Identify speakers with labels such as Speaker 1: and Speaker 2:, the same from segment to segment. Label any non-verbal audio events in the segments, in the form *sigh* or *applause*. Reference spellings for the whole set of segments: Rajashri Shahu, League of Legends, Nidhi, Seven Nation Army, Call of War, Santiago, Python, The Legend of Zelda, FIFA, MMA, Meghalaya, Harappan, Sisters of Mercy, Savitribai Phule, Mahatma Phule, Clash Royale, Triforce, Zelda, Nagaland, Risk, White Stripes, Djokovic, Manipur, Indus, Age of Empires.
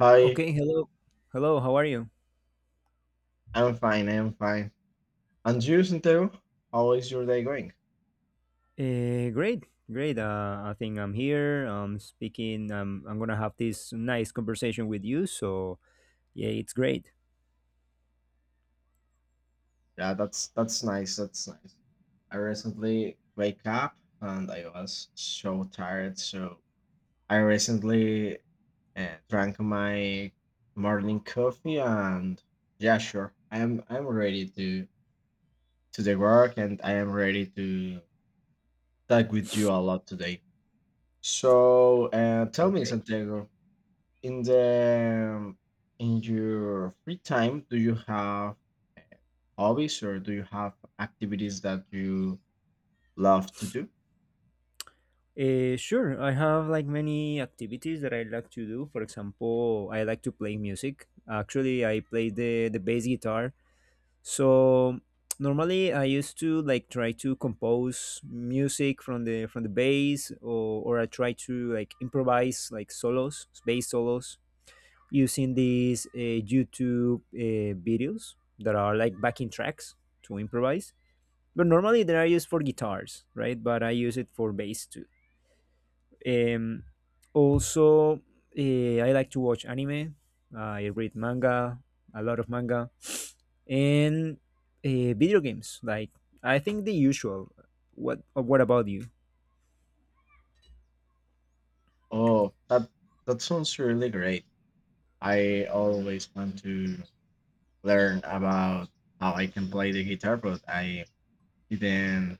Speaker 1: Hi,
Speaker 2: Okay, hello. Hello, how are you?
Speaker 1: I'm fine. And you, Santiago? How is your day going?
Speaker 2: Great, great. I think I'm here. I'm speaking. I'm gonna have this nice conversation with you. So yeah, it's great.
Speaker 1: Yeah, that's nice. I recently wake up and I was so tired. So I recently drank my morning coffee and yeah, sure. I'm ready to the work and I am ready to talk with you a lot today. So tell me,
Speaker 2: Okay.
Speaker 1: Santiago, in the in your free time do you have hobbies or do you have activities that you love to do?
Speaker 2: Sure. I have like many activities that I like to do. For example, I like to play music. Actually, I play the bass guitar. So normally I used to like try to compose music from the bass, or I try to like improvise like solos, bass solos using these YouTube videos that are like backing tracks to improvise. But normally they are used for guitars, right? But I use it for bass too. Um, also, I like to watch anime. I read manga, a lot of manga, and video games. Like I think the usual. What about you?
Speaker 1: Oh, that that sounds really great. I always want to learn about how I can play the guitar, but I didn't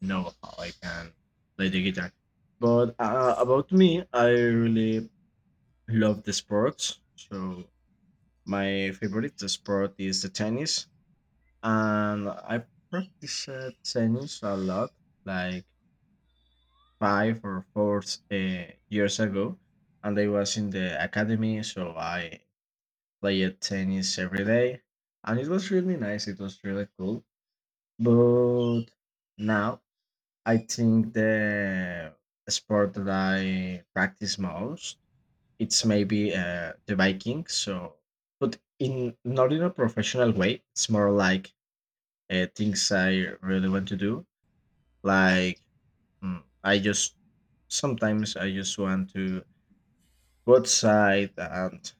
Speaker 1: know how I can play the guitar. But about me, I really love the sports. So my favorite sport is the tennis, and I practiced tennis a lot, like five or four uh, years ago, and I was in the academy, so I played tennis every day, and it was really nice. It was really cool. But now I think the sport that I practice most it's maybe the biking. So, but in not in a professional way. It's more like things I really want to do. Like, I just sometimes I just want to go outside and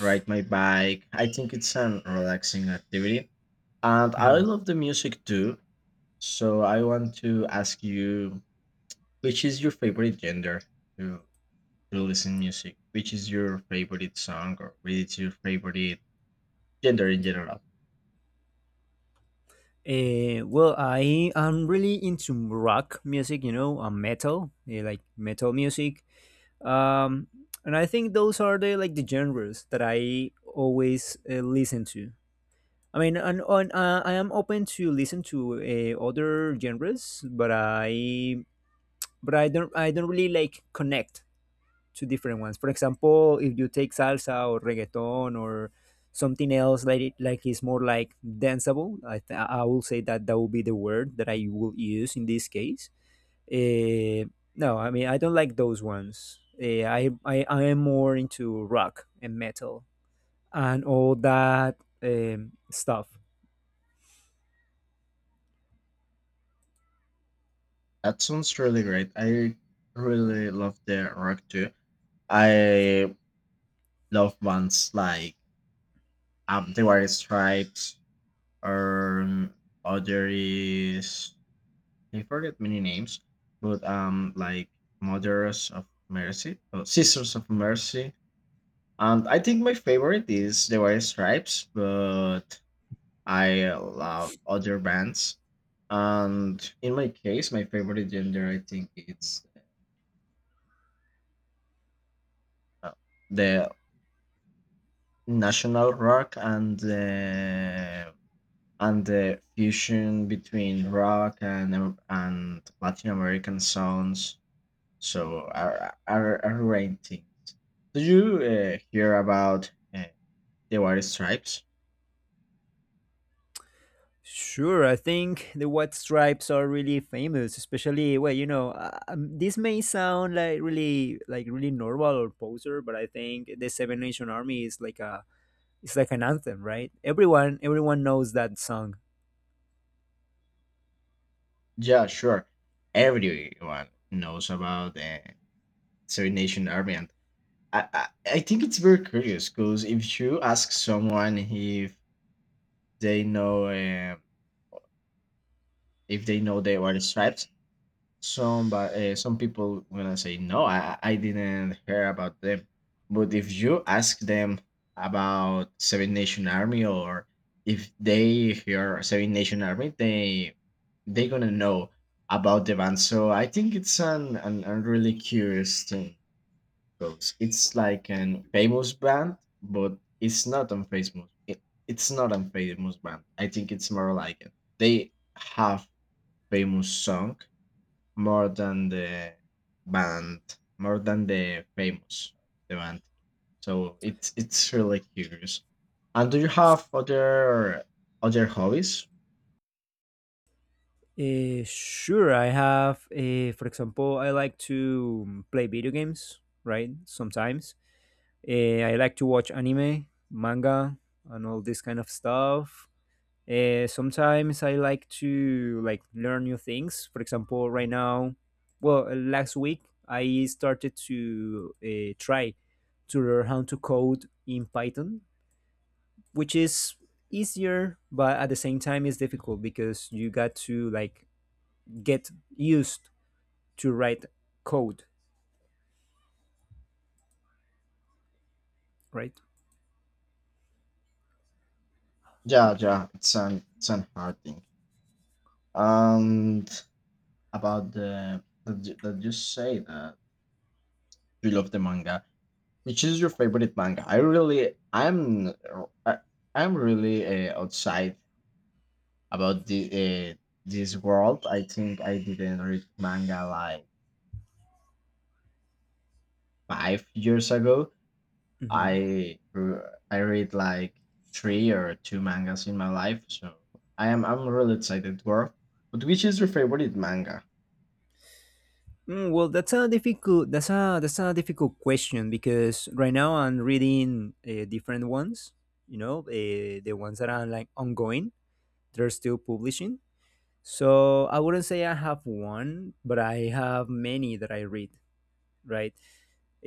Speaker 1: ride my bike. I think it's an relaxing activity. And I
Speaker 2: Mhm.
Speaker 1: love the music too. So I want to ask you, which is your favorite genre to, to listen music? Which is your favorite song, or which is your favorite gender in general?
Speaker 2: Well, I am really into rock music, and metal, like metal music. um and I think those are the genres that I always listen to. I mean, and I am open to listen to other genres, but I don't really like connect to different ones. For example, if you take salsa or reggaeton or something else, like it like is more like danceable. I will say that that will be the word that I will use in this case. uh, no, I mean, I don't like those ones. I am more into rock and metal and all that stuff.
Speaker 1: That sounds really great. I really love the rock too. I love bands like there were stripes, um, other is I forget many names, but like Mothers of Mercy, or Sisters of Mercy, and I think my favorite is there were stripes, but I love other bands. And in my case, my favorite gender, I think, it's uh, the national rock and the fusion between rock and Latin American sounds. So are things. Did you hear about the White Stripes?
Speaker 2: Sure, I think the White Stripes are really famous, especially, well, this may sound like really, like really normal or poser, but I think the Seven Nation Army is like a, it's like an anthem, right? Everyone knows that song.
Speaker 1: Yeah, sure. Everyone knows about the Seven Nation Army, and I, I I think it's very curious because if you ask someone they know um if they know the White Stripes, some but some people gonna say no. I didn't hear about them. But if you ask them about seven nation army, or if they hear seven nation army, they gonna know about the band. So I think it's an a really curious thing, because it's like an famous band, but it's not on Facebook. It's not a famous band. I think it's more like it. They have famous song more than the band, more than the band. So it's really curious. And do you have other hobbies?
Speaker 2: Sure, I have. For example, I like to play video games, right? Sometimes I like to watch anime, manga, and all this kind of stuff. Sometimes I like to like learn new things. For example, right now, well, last week I started to try to learn how to code in Python, which is easier, but at the same time, it's difficult because you got to like get used to write code, right?
Speaker 1: Yeah, yeah, it's an hard thing. And about the that you say that you love the manga, which is your favorite manga? I, I'm really outside about the this world. I think I didn't read manga like 5 years ago.
Speaker 2: Mm-hmm.
Speaker 1: I read like three or two mangas in my life, so I'm really excited, Dwarf. But which is your favorite manga?
Speaker 2: Well, that's a that's a difficult question because right now I'm reading different ones. You know, the ones that are like ongoing, they're still publishing. So I wouldn't say I have one, but I have many that I read. Right.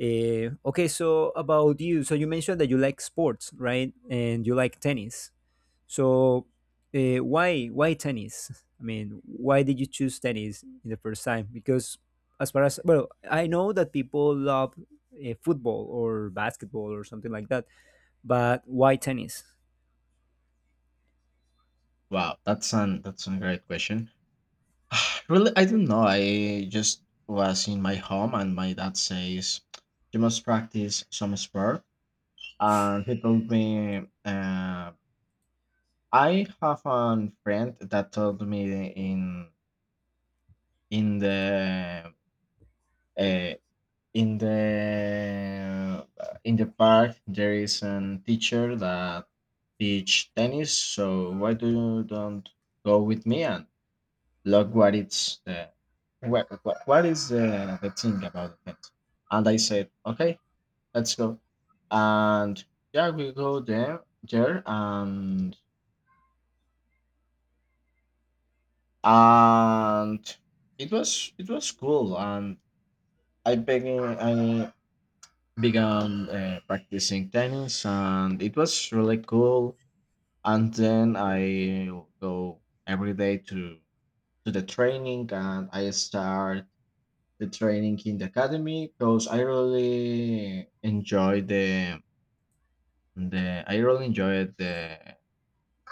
Speaker 2: Okay. So about you. So you mentioned that you like sports, right? And you like tennis. So, why tennis? I mean, why did you choose tennis in the first time? Because, as far as, well, I know that people love football or basketball or something like that, but why tennis?
Speaker 1: Wow, that's an that's a great question. *sighs* Really, I don't know. I just was in my home, and my dad says you must practice some sport, and he told me. I have a friend that told me in in the uh, in the in the park there is a teacher that teach tennis. So why do you don't go with me and look what it's what is the thing about it? And I said okay, let's go. And yeah, we go there and and it was cool. And I began practicing tennis, and it was really cool. And then I go every day to the training, and I start the training in the academy because I really enjoyed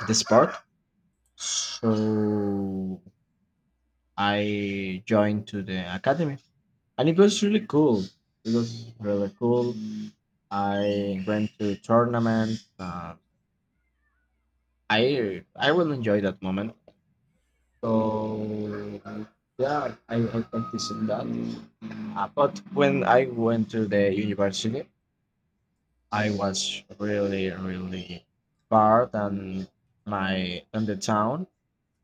Speaker 1: the sport. So I joined to the academy, and it was really cool. it was really cool I went to tournaments. I will enjoy that moment. So yeah, I practiced in that. But when I went to the university, I was really far than my than the town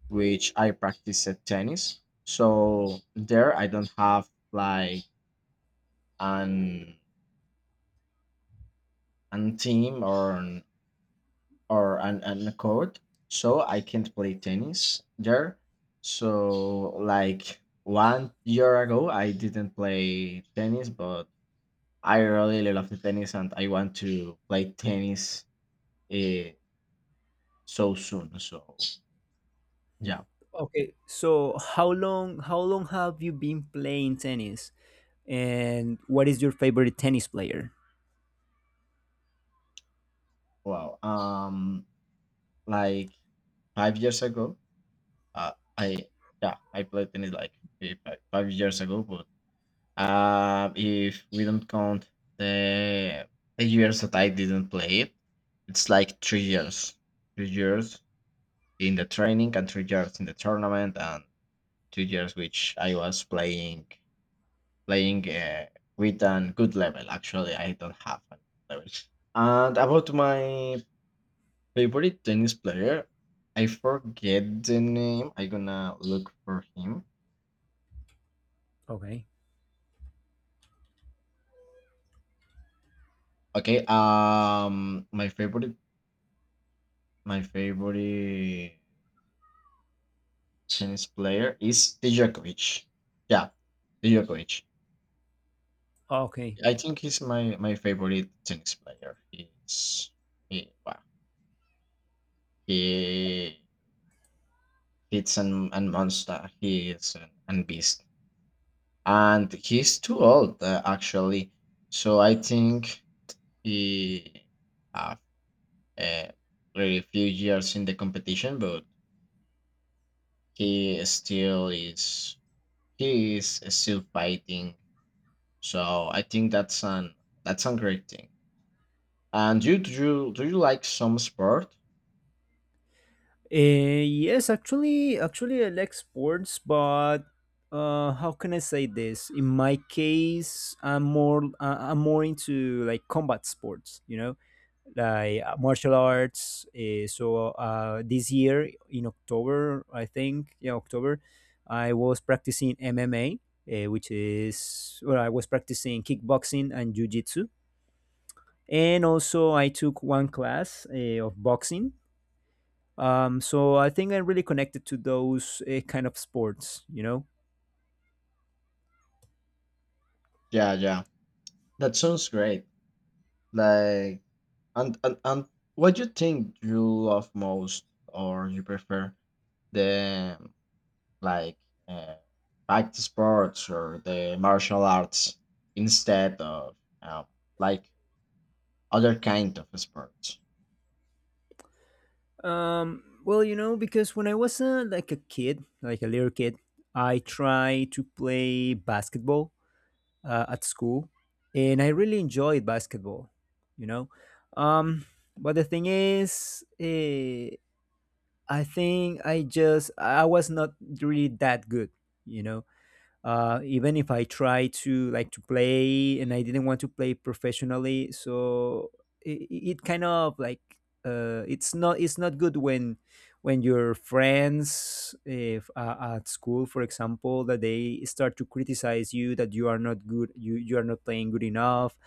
Speaker 1: which I practiced tennis. So there I don't have like an an team, or an court, so I can't play tennis there. So like 1 year ago, I didn't play tennis, but I really love the tennis, and I want to play tennis uh, so soon. So yeah,
Speaker 2: Okay, so how long have you been playing tennis, and what is your favorite tennis player?
Speaker 1: wow. Like 5 years ago, uh, I yeah, I played tennis like 5 years ago. But if we don't count the the years that I didn't play it, it's like 3 years. 3 years in the training and 3 years in the tournament, and 2 years which I was playing with a good level. Actually, I don't have a good level. And about my favorite tennis player, I forget the name. I'm gonna look for him.
Speaker 2: Okay,
Speaker 1: Okay. My favorite, my favorite Chinese player is Djokovic. Yeah, Djokovic.
Speaker 2: okay.
Speaker 1: I think he's my favorite tennis player. He's he wow. He hits an and monster. He is an beast, and he's too old actually. So I think he have uh, very few years in the competition, but he still is he is still fighting. So I think that's an that's a great thing. And you, do you like some sport?
Speaker 2: Yes, actually, I like sports, but how can I say this? In my case, I'm more into like combat sports, you know, like martial arts. So this year in October, I think, yeah, October, I was practicing MMA, which is, well, I was practicing kickboxing and jujitsu, and also I took one class of boxing, so I think I'm really connected to those kind of sports, you know.
Speaker 1: Yeah, yeah. That sounds great. Like and what do you think you love most, or you prefer the like uh, fight sports or the martial arts instead of um, like other kind of sports?
Speaker 2: Well, because when I was like a kid, like a little kid, I tried to play basketball at school, and I really enjoyed basketball, you know. Um, but the thing is, I think I was not really that good, you know. Even if I try to like to play, and I didn't want to play professionally, so it kind of like, it's not, it's not good when your friends, if at school, for example, that they start to criticize you that you are not good, you are not playing good enough,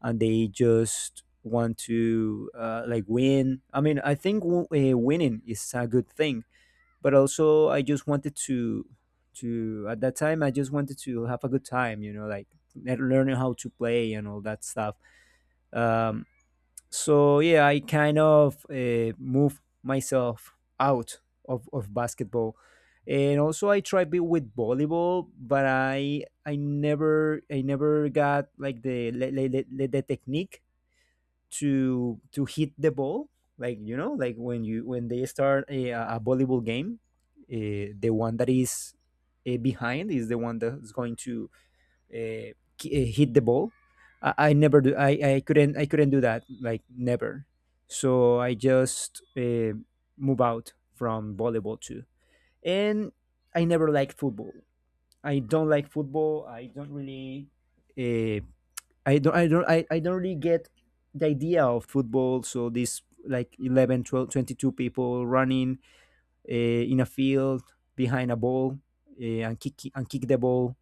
Speaker 2: and they just want to like win. I mean, I think winning is a good thing, but also I just wanted to, at that time I just wanted to have a good time, you know, like learning how to play and all that stuff. Um, so yeah, I kind of moved myself out of basketball, and also I tried be with volleyball, but I never got like the le- le- le- le- the technique to hit the ball, like, you know, like when you, when they start a volleyball game, the one that is behind is the one that's going to uh, hit the ball. I never do. I couldn't do that, like, never. So I just move out from volleyball too. And I never liked football. I don't like football. Uh, I don't really get the idea of football. So this, like, 11, 12, 22 people running uh, in a field behind a ball, and kick the ball.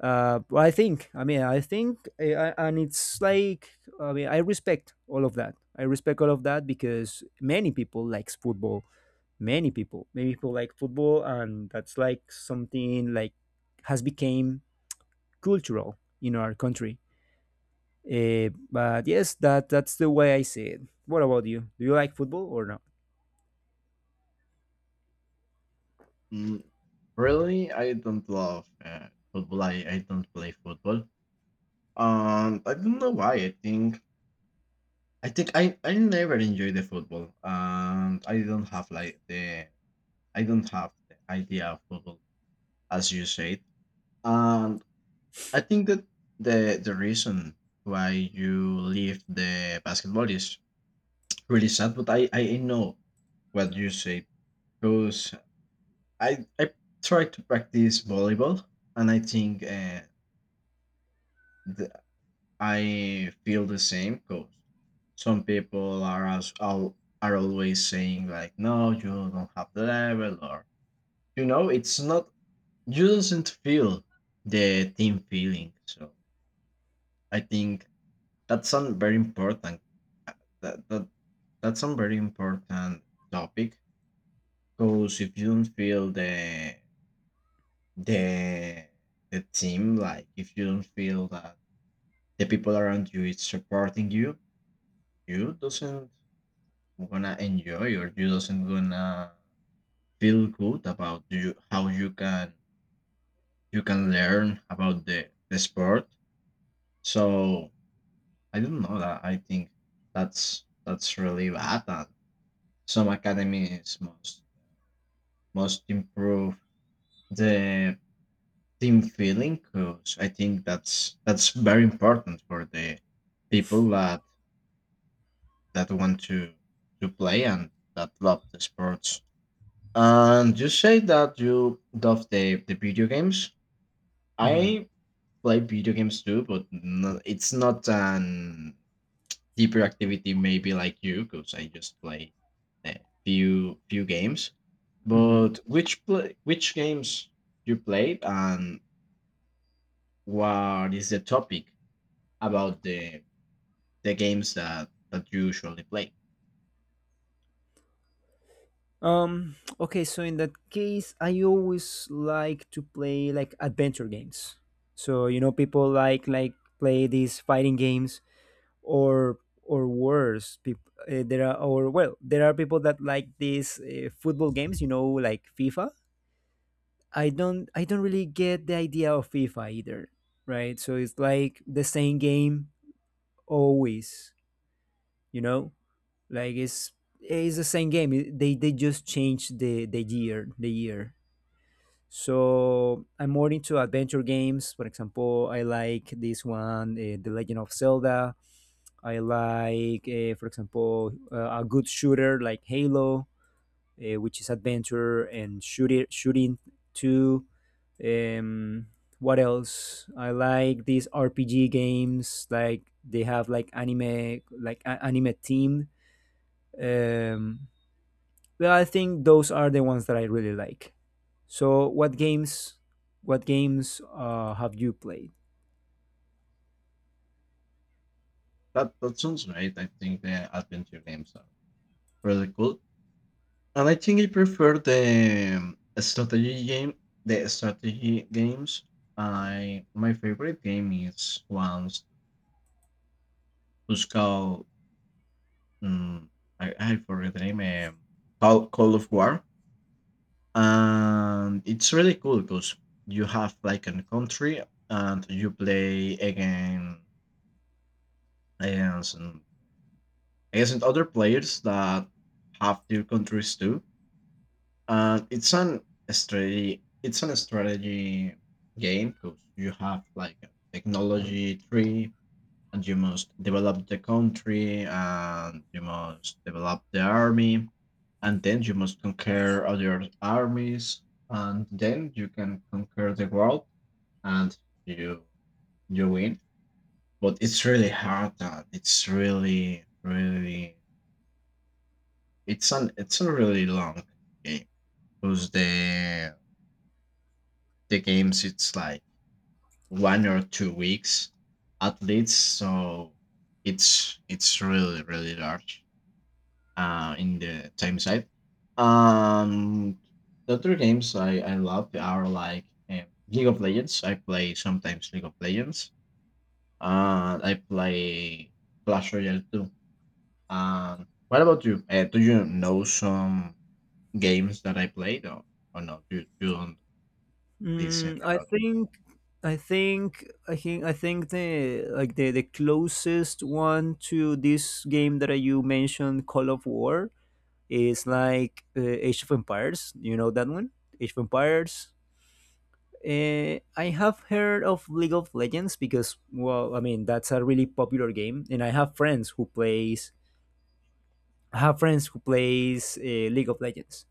Speaker 2: But I think, I mean, I think, and it's like, I mean, I respect all of that. I respect all of that because many people likes football. Many people, like football, and that's like something like has become cultural in our country. But yes, that that's the way I see it. What about you? Do you like football or not?
Speaker 1: Mm, really, I don't love football. I don't play football. I don't know why. I think I never enjoy the football, and I don't have like the I don't have the idea of football as you said. And I think that the reason why you leave the basketball is really sad, but I know what you say, because I tried to practice volleyball, and I think the, I feel the same cause. Some people are are always saying like no, you don't have the level, or you know, it's not you doesn't feel the team feeling. So I think that's a very important uh, that, that that's a very important topic, because if you don't feel the the team, like if you don't feel that the people around you is supporting you, you doesn't gonna enjoy, or you doesn't gonna feel good about you. How you can learn about the sport. So I don't know that. I think that's really bad, and some academies must improve the team feeling because I think that's very important for the people that that want to play, and that love the sports. And you say that you love the video games.
Speaker 2: Hmm.
Speaker 1: I play video games too, but no, it's not an deeper activity maybe like you, because I just play a few few games.
Speaker 2: Hmm.
Speaker 1: But which play which games you played, and what is the topic about the games that that you usually play?
Speaker 2: Okay. So in that case, I always like to play like adventure games. So, you know, people like play these fighting games, or or worse. People, there are or well, there are people that like these football games. You know, like FIFA. I don't really get the idea of FIFA either, right? So it's like the same game always, you know, like it's the same game. They just changed the year. So I'm more into adventure games. For example, I like this one, the Legend of Zelda. I like for example, a good shooter like Halo, which is adventure and shooter shooting too. um what else, I like these RPG games, like they have like anime, like anime theme. um, well, I think those are the ones that I really like. So, what games? What games have you played?
Speaker 1: That that sounds right. I think the adventure games are really cool. And I think I prefer the strategy games. I my favorite game is ones who's called um, I forget the name. Call of War, and it's really cool because you have like a country, and you play again against against other players that have their countries too. And it's an a strategy. It's an strategy game because you have like a technology tree, and you must develop the country, and you must develop the army, and then you must conquer other armies, and then you can conquer the world, and you you win. But it's really hard. And it's really it's an it's a really long game, because the games it's like 1 or 2 weeks at least. So it's really large in the time side. Um, the other games I love are like League of Legends. I play sometimes League of Legends, and I play Clash Royale too. Um, what about you? Do you know some games that I played, or no, you, you don't listen?
Speaker 2: Mm, I think, I think the closest one to this game that you mentioned, Call of War, is like Age of Empires. You know that one, Age of Empires. I have heard of League of Legends because, well, I mean, that's a really popular game, and I have friends who plays League of Legends,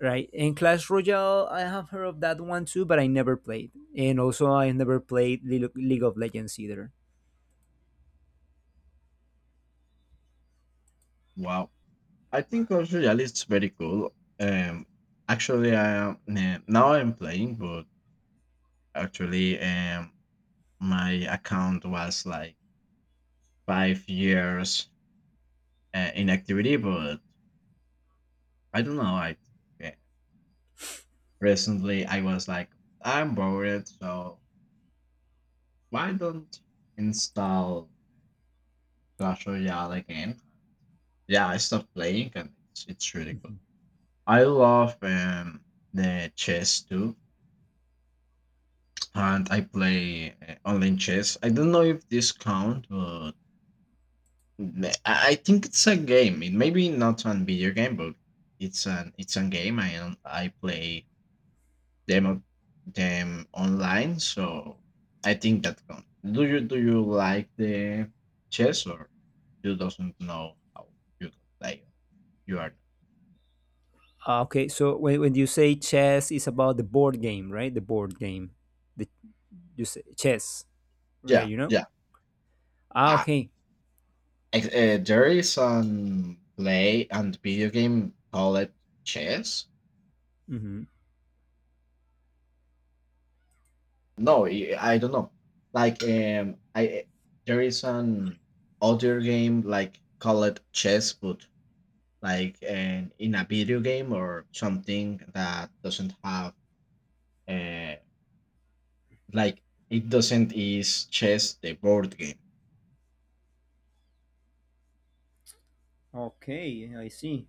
Speaker 2: right? And Clash Royale, I have heard of that one too, but I never played. And also, I never played League of Legends either.
Speaker 1: Wow, I think also Real is very cool. Um, actually, I am now I'm playing, but actually, my account was like 5 years inactivity. But I don't know. I think, recently I was like, I'm bored. So why don't install Clash Royale again? Yeah, I stopped playing, and it's really cool. I love the chess too. And I play online chess. I don't know if this count, but I think it's a game. It may be not a video game, but it's an it's a game. I play them on- them online, so I think that counts. Do you like the chess, or you doesn't know how you can play? You are
Speaker 2: Ah, okay. So when, you say chess, it's about the board game, right? The board game, the you say chess, right?
Speaker 1: yeah,
Speaker 2: You know?
Speaker 1: yeah.
Speaker 2: Ah,
Speaker 1: Ah,
Speaker 2: okay.
Speaker 1: there is an play and video game called chess.
Speaker 2: Mm-hmm.
Speaker 1: No, I don't know. Like, I there is an other game like called chess, but like in a video game or something that doesn't have uh, like it doesn't is chess the board game.
Speaker 2: Okay, I see.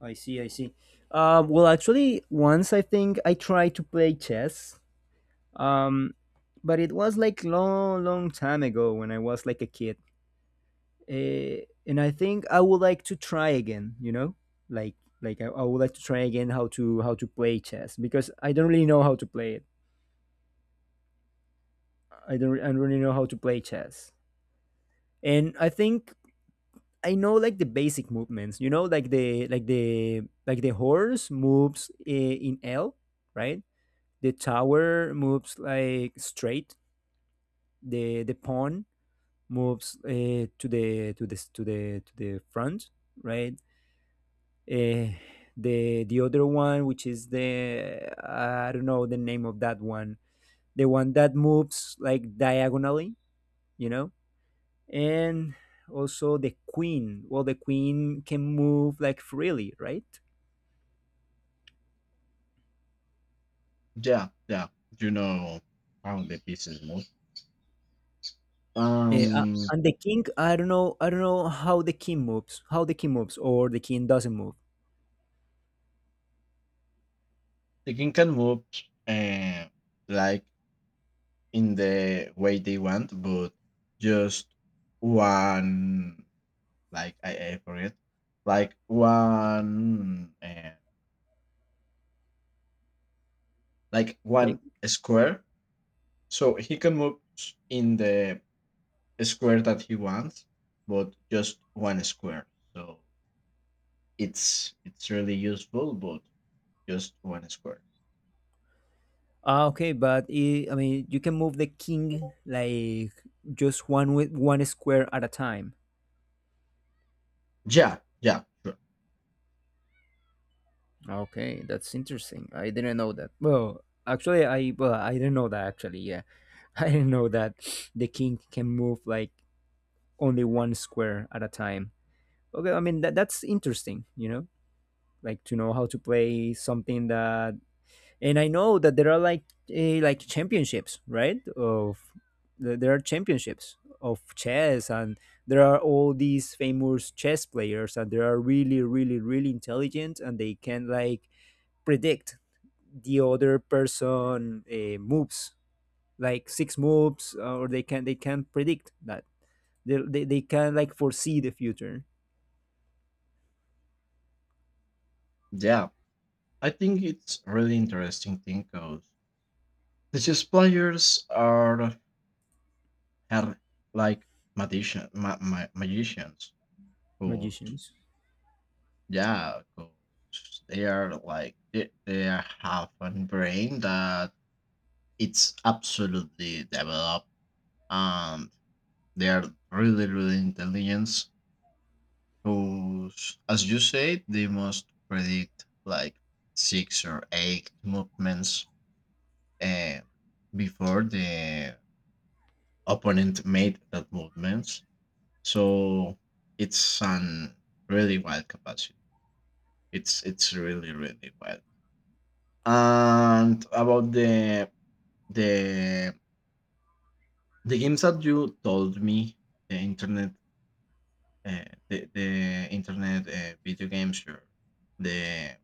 Speaker 2: I see. I see. Well, actually, once I think I tried to play chess, um, but it was like long, long time ago when I was like a kid. uh, and I think I would like to try again. You know, like I would like to try again how to play chess, because I don't really know how to play it. I don't really know how to play chess, and I think I know like the basic movements. You know, like the, like the, like the horse moves in L, right? The tower moves like straight. The pawn moves to the, to the to the to the front, right? Uh, the other one, which is the, I don't know the name of that one, the one that moves like diagonally, you know, and also the queen. Well, the queen can move like freely, right?
Speaker 1: Yeah, yeah, you know how the pieces move.
Speaker 2: Yeah,
Speaker 1: Um,
Speaker 2: and the king, I don't know how the king moves, or the king doesn't move.
Speaker 1: the king can move, uh, like in the way they want, but just one like I, ate for it, like one and like
Speaker 2: Like,
Speaker 1: one square. So he can move in the square that he wants, but just one square. So it's really useful, but just one square.
Speaker 2: ah, okay, but I mean, you can move the king like just one, with one square at a time.
Speaker 1: Yeah, yeah, sure.
Speaker 2: Okay, that's interesting. I didn't know that. Well, actually, I, well, I didn't know that. Actually, yeah, *laughs* I didn't know that the king can move like only one square at a time. Okay, I mean that that's interesting. You know, like to know how to play something that, and I know that there are like like championships, right? Of there are championships of chess, and there are all these famous chess players, and they are really, really, really intelligent, and they can like predict the other person moves like six moves or they can predict that they can like foresee the future.
Speaker 1: Yeah. I think it's really interesting thing because the chess players are are like magicians who
Speaker 2: Magicians.
Speaker 1: Yeah, cause they are like they have a brain that it's absolutely developed, and they are really intelligent. Because as you said, they must predict like 6 or 8 movements uh, before the opponent made that movements. So it's an really wild capacity. It's really wild. And about the the games that you told me, the internet, the internet video games, your the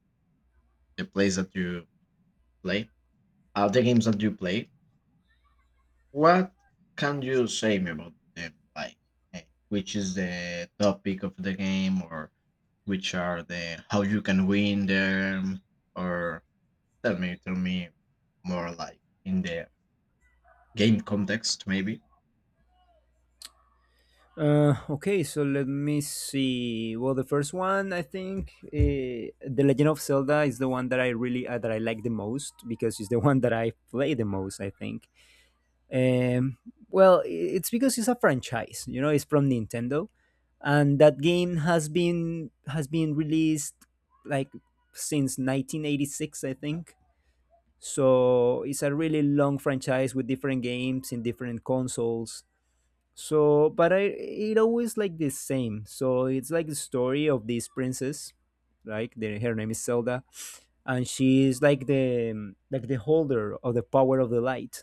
Speaker 1: the plays that you play, the games that you play. What can you say me about them? Like, uh, which is the topic of the game, or which are the how you can win them, or tell me, more like in the game context, maybe.
Speaker 2: Okay, so let me see, well, the first one, I think, the Legend of Zelda is the one that I really that I like the most because it's the *laughs* one that I play the most, I think. um, well, it's because it's a franchise, it's from Nintendo, and that game has been released like since 1986, I think. So it's a really long franchise with different games in different consoles. So, but I, it always like the same. So it's like the story of this princess, like her name is Zelda, and she is like the holder of the power of the light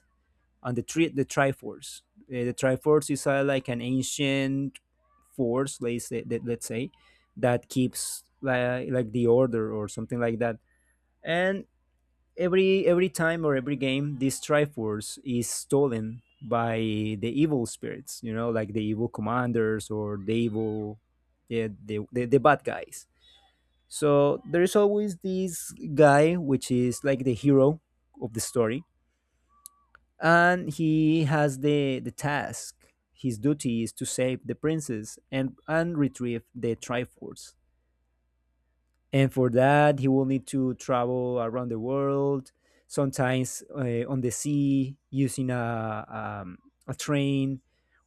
Speaker 2: and the the Triforce. The Triforce is like an ancient force, let's say, that, that keeps like, the order or something like that. And every time or every game, this Triforce is stolen by the evil spirits. You know, like the evil commanders or the evil, yeah, the bad guys. So there is always this guy, which is like the hero of the story, and he has the task, his duty is to save the princess and retrieve the Triforce. And for that, he will need to travel around the world, sometimes on the sea using a train,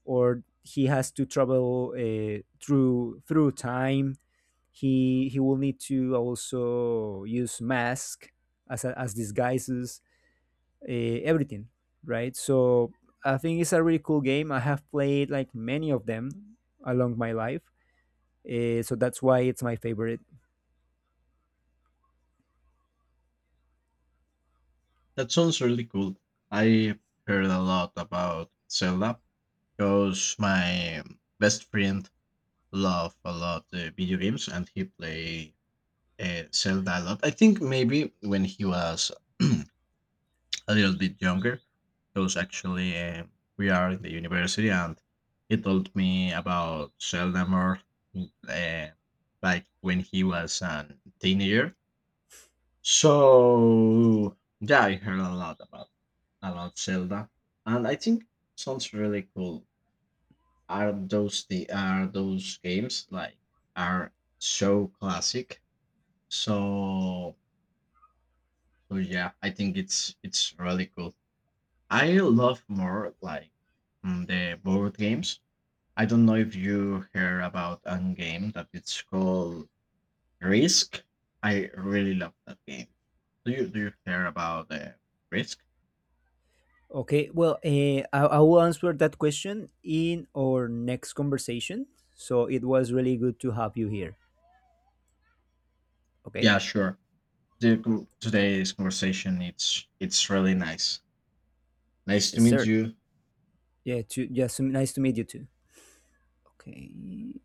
Speaker 2: or he has to travel through time. He will need to also use mask as as disguises, everything, right? So I think it's a really cool game. I have played like many of them along my life, so that's why it's my favorite.
Speaker 1: That sounds really cool. I heard a lot about Zelda because my best friend love a lot video games, and he play Zelda a lot. I think maybe when he was *clears throat* a little bit younger, because actually we are in the university, and he told me about Zelda more uh, like when he was a teenager. So yeah, I heard a lot about Zelda, and I think sounds really cool. Are those games like are so classic? So so yeah, I think it's really cool. I love more like the board games. I don't know if you hear about a game that it's called Risk. I really love that game. Do you hear about Risk?
Speaker 2: Okay, well, I will answer that question in our next conversation. So it was really good to have you here. Okay.
Speaker 1: Yeah, sure. Today's conversation it's really nice. Nice to
Speaker 2: Yes,
Speaker 1: meet
Speaker 2: sir.
Speaker 1: you.
Speaker 2: Yeah. Yes. Nice to meet you too. Okay.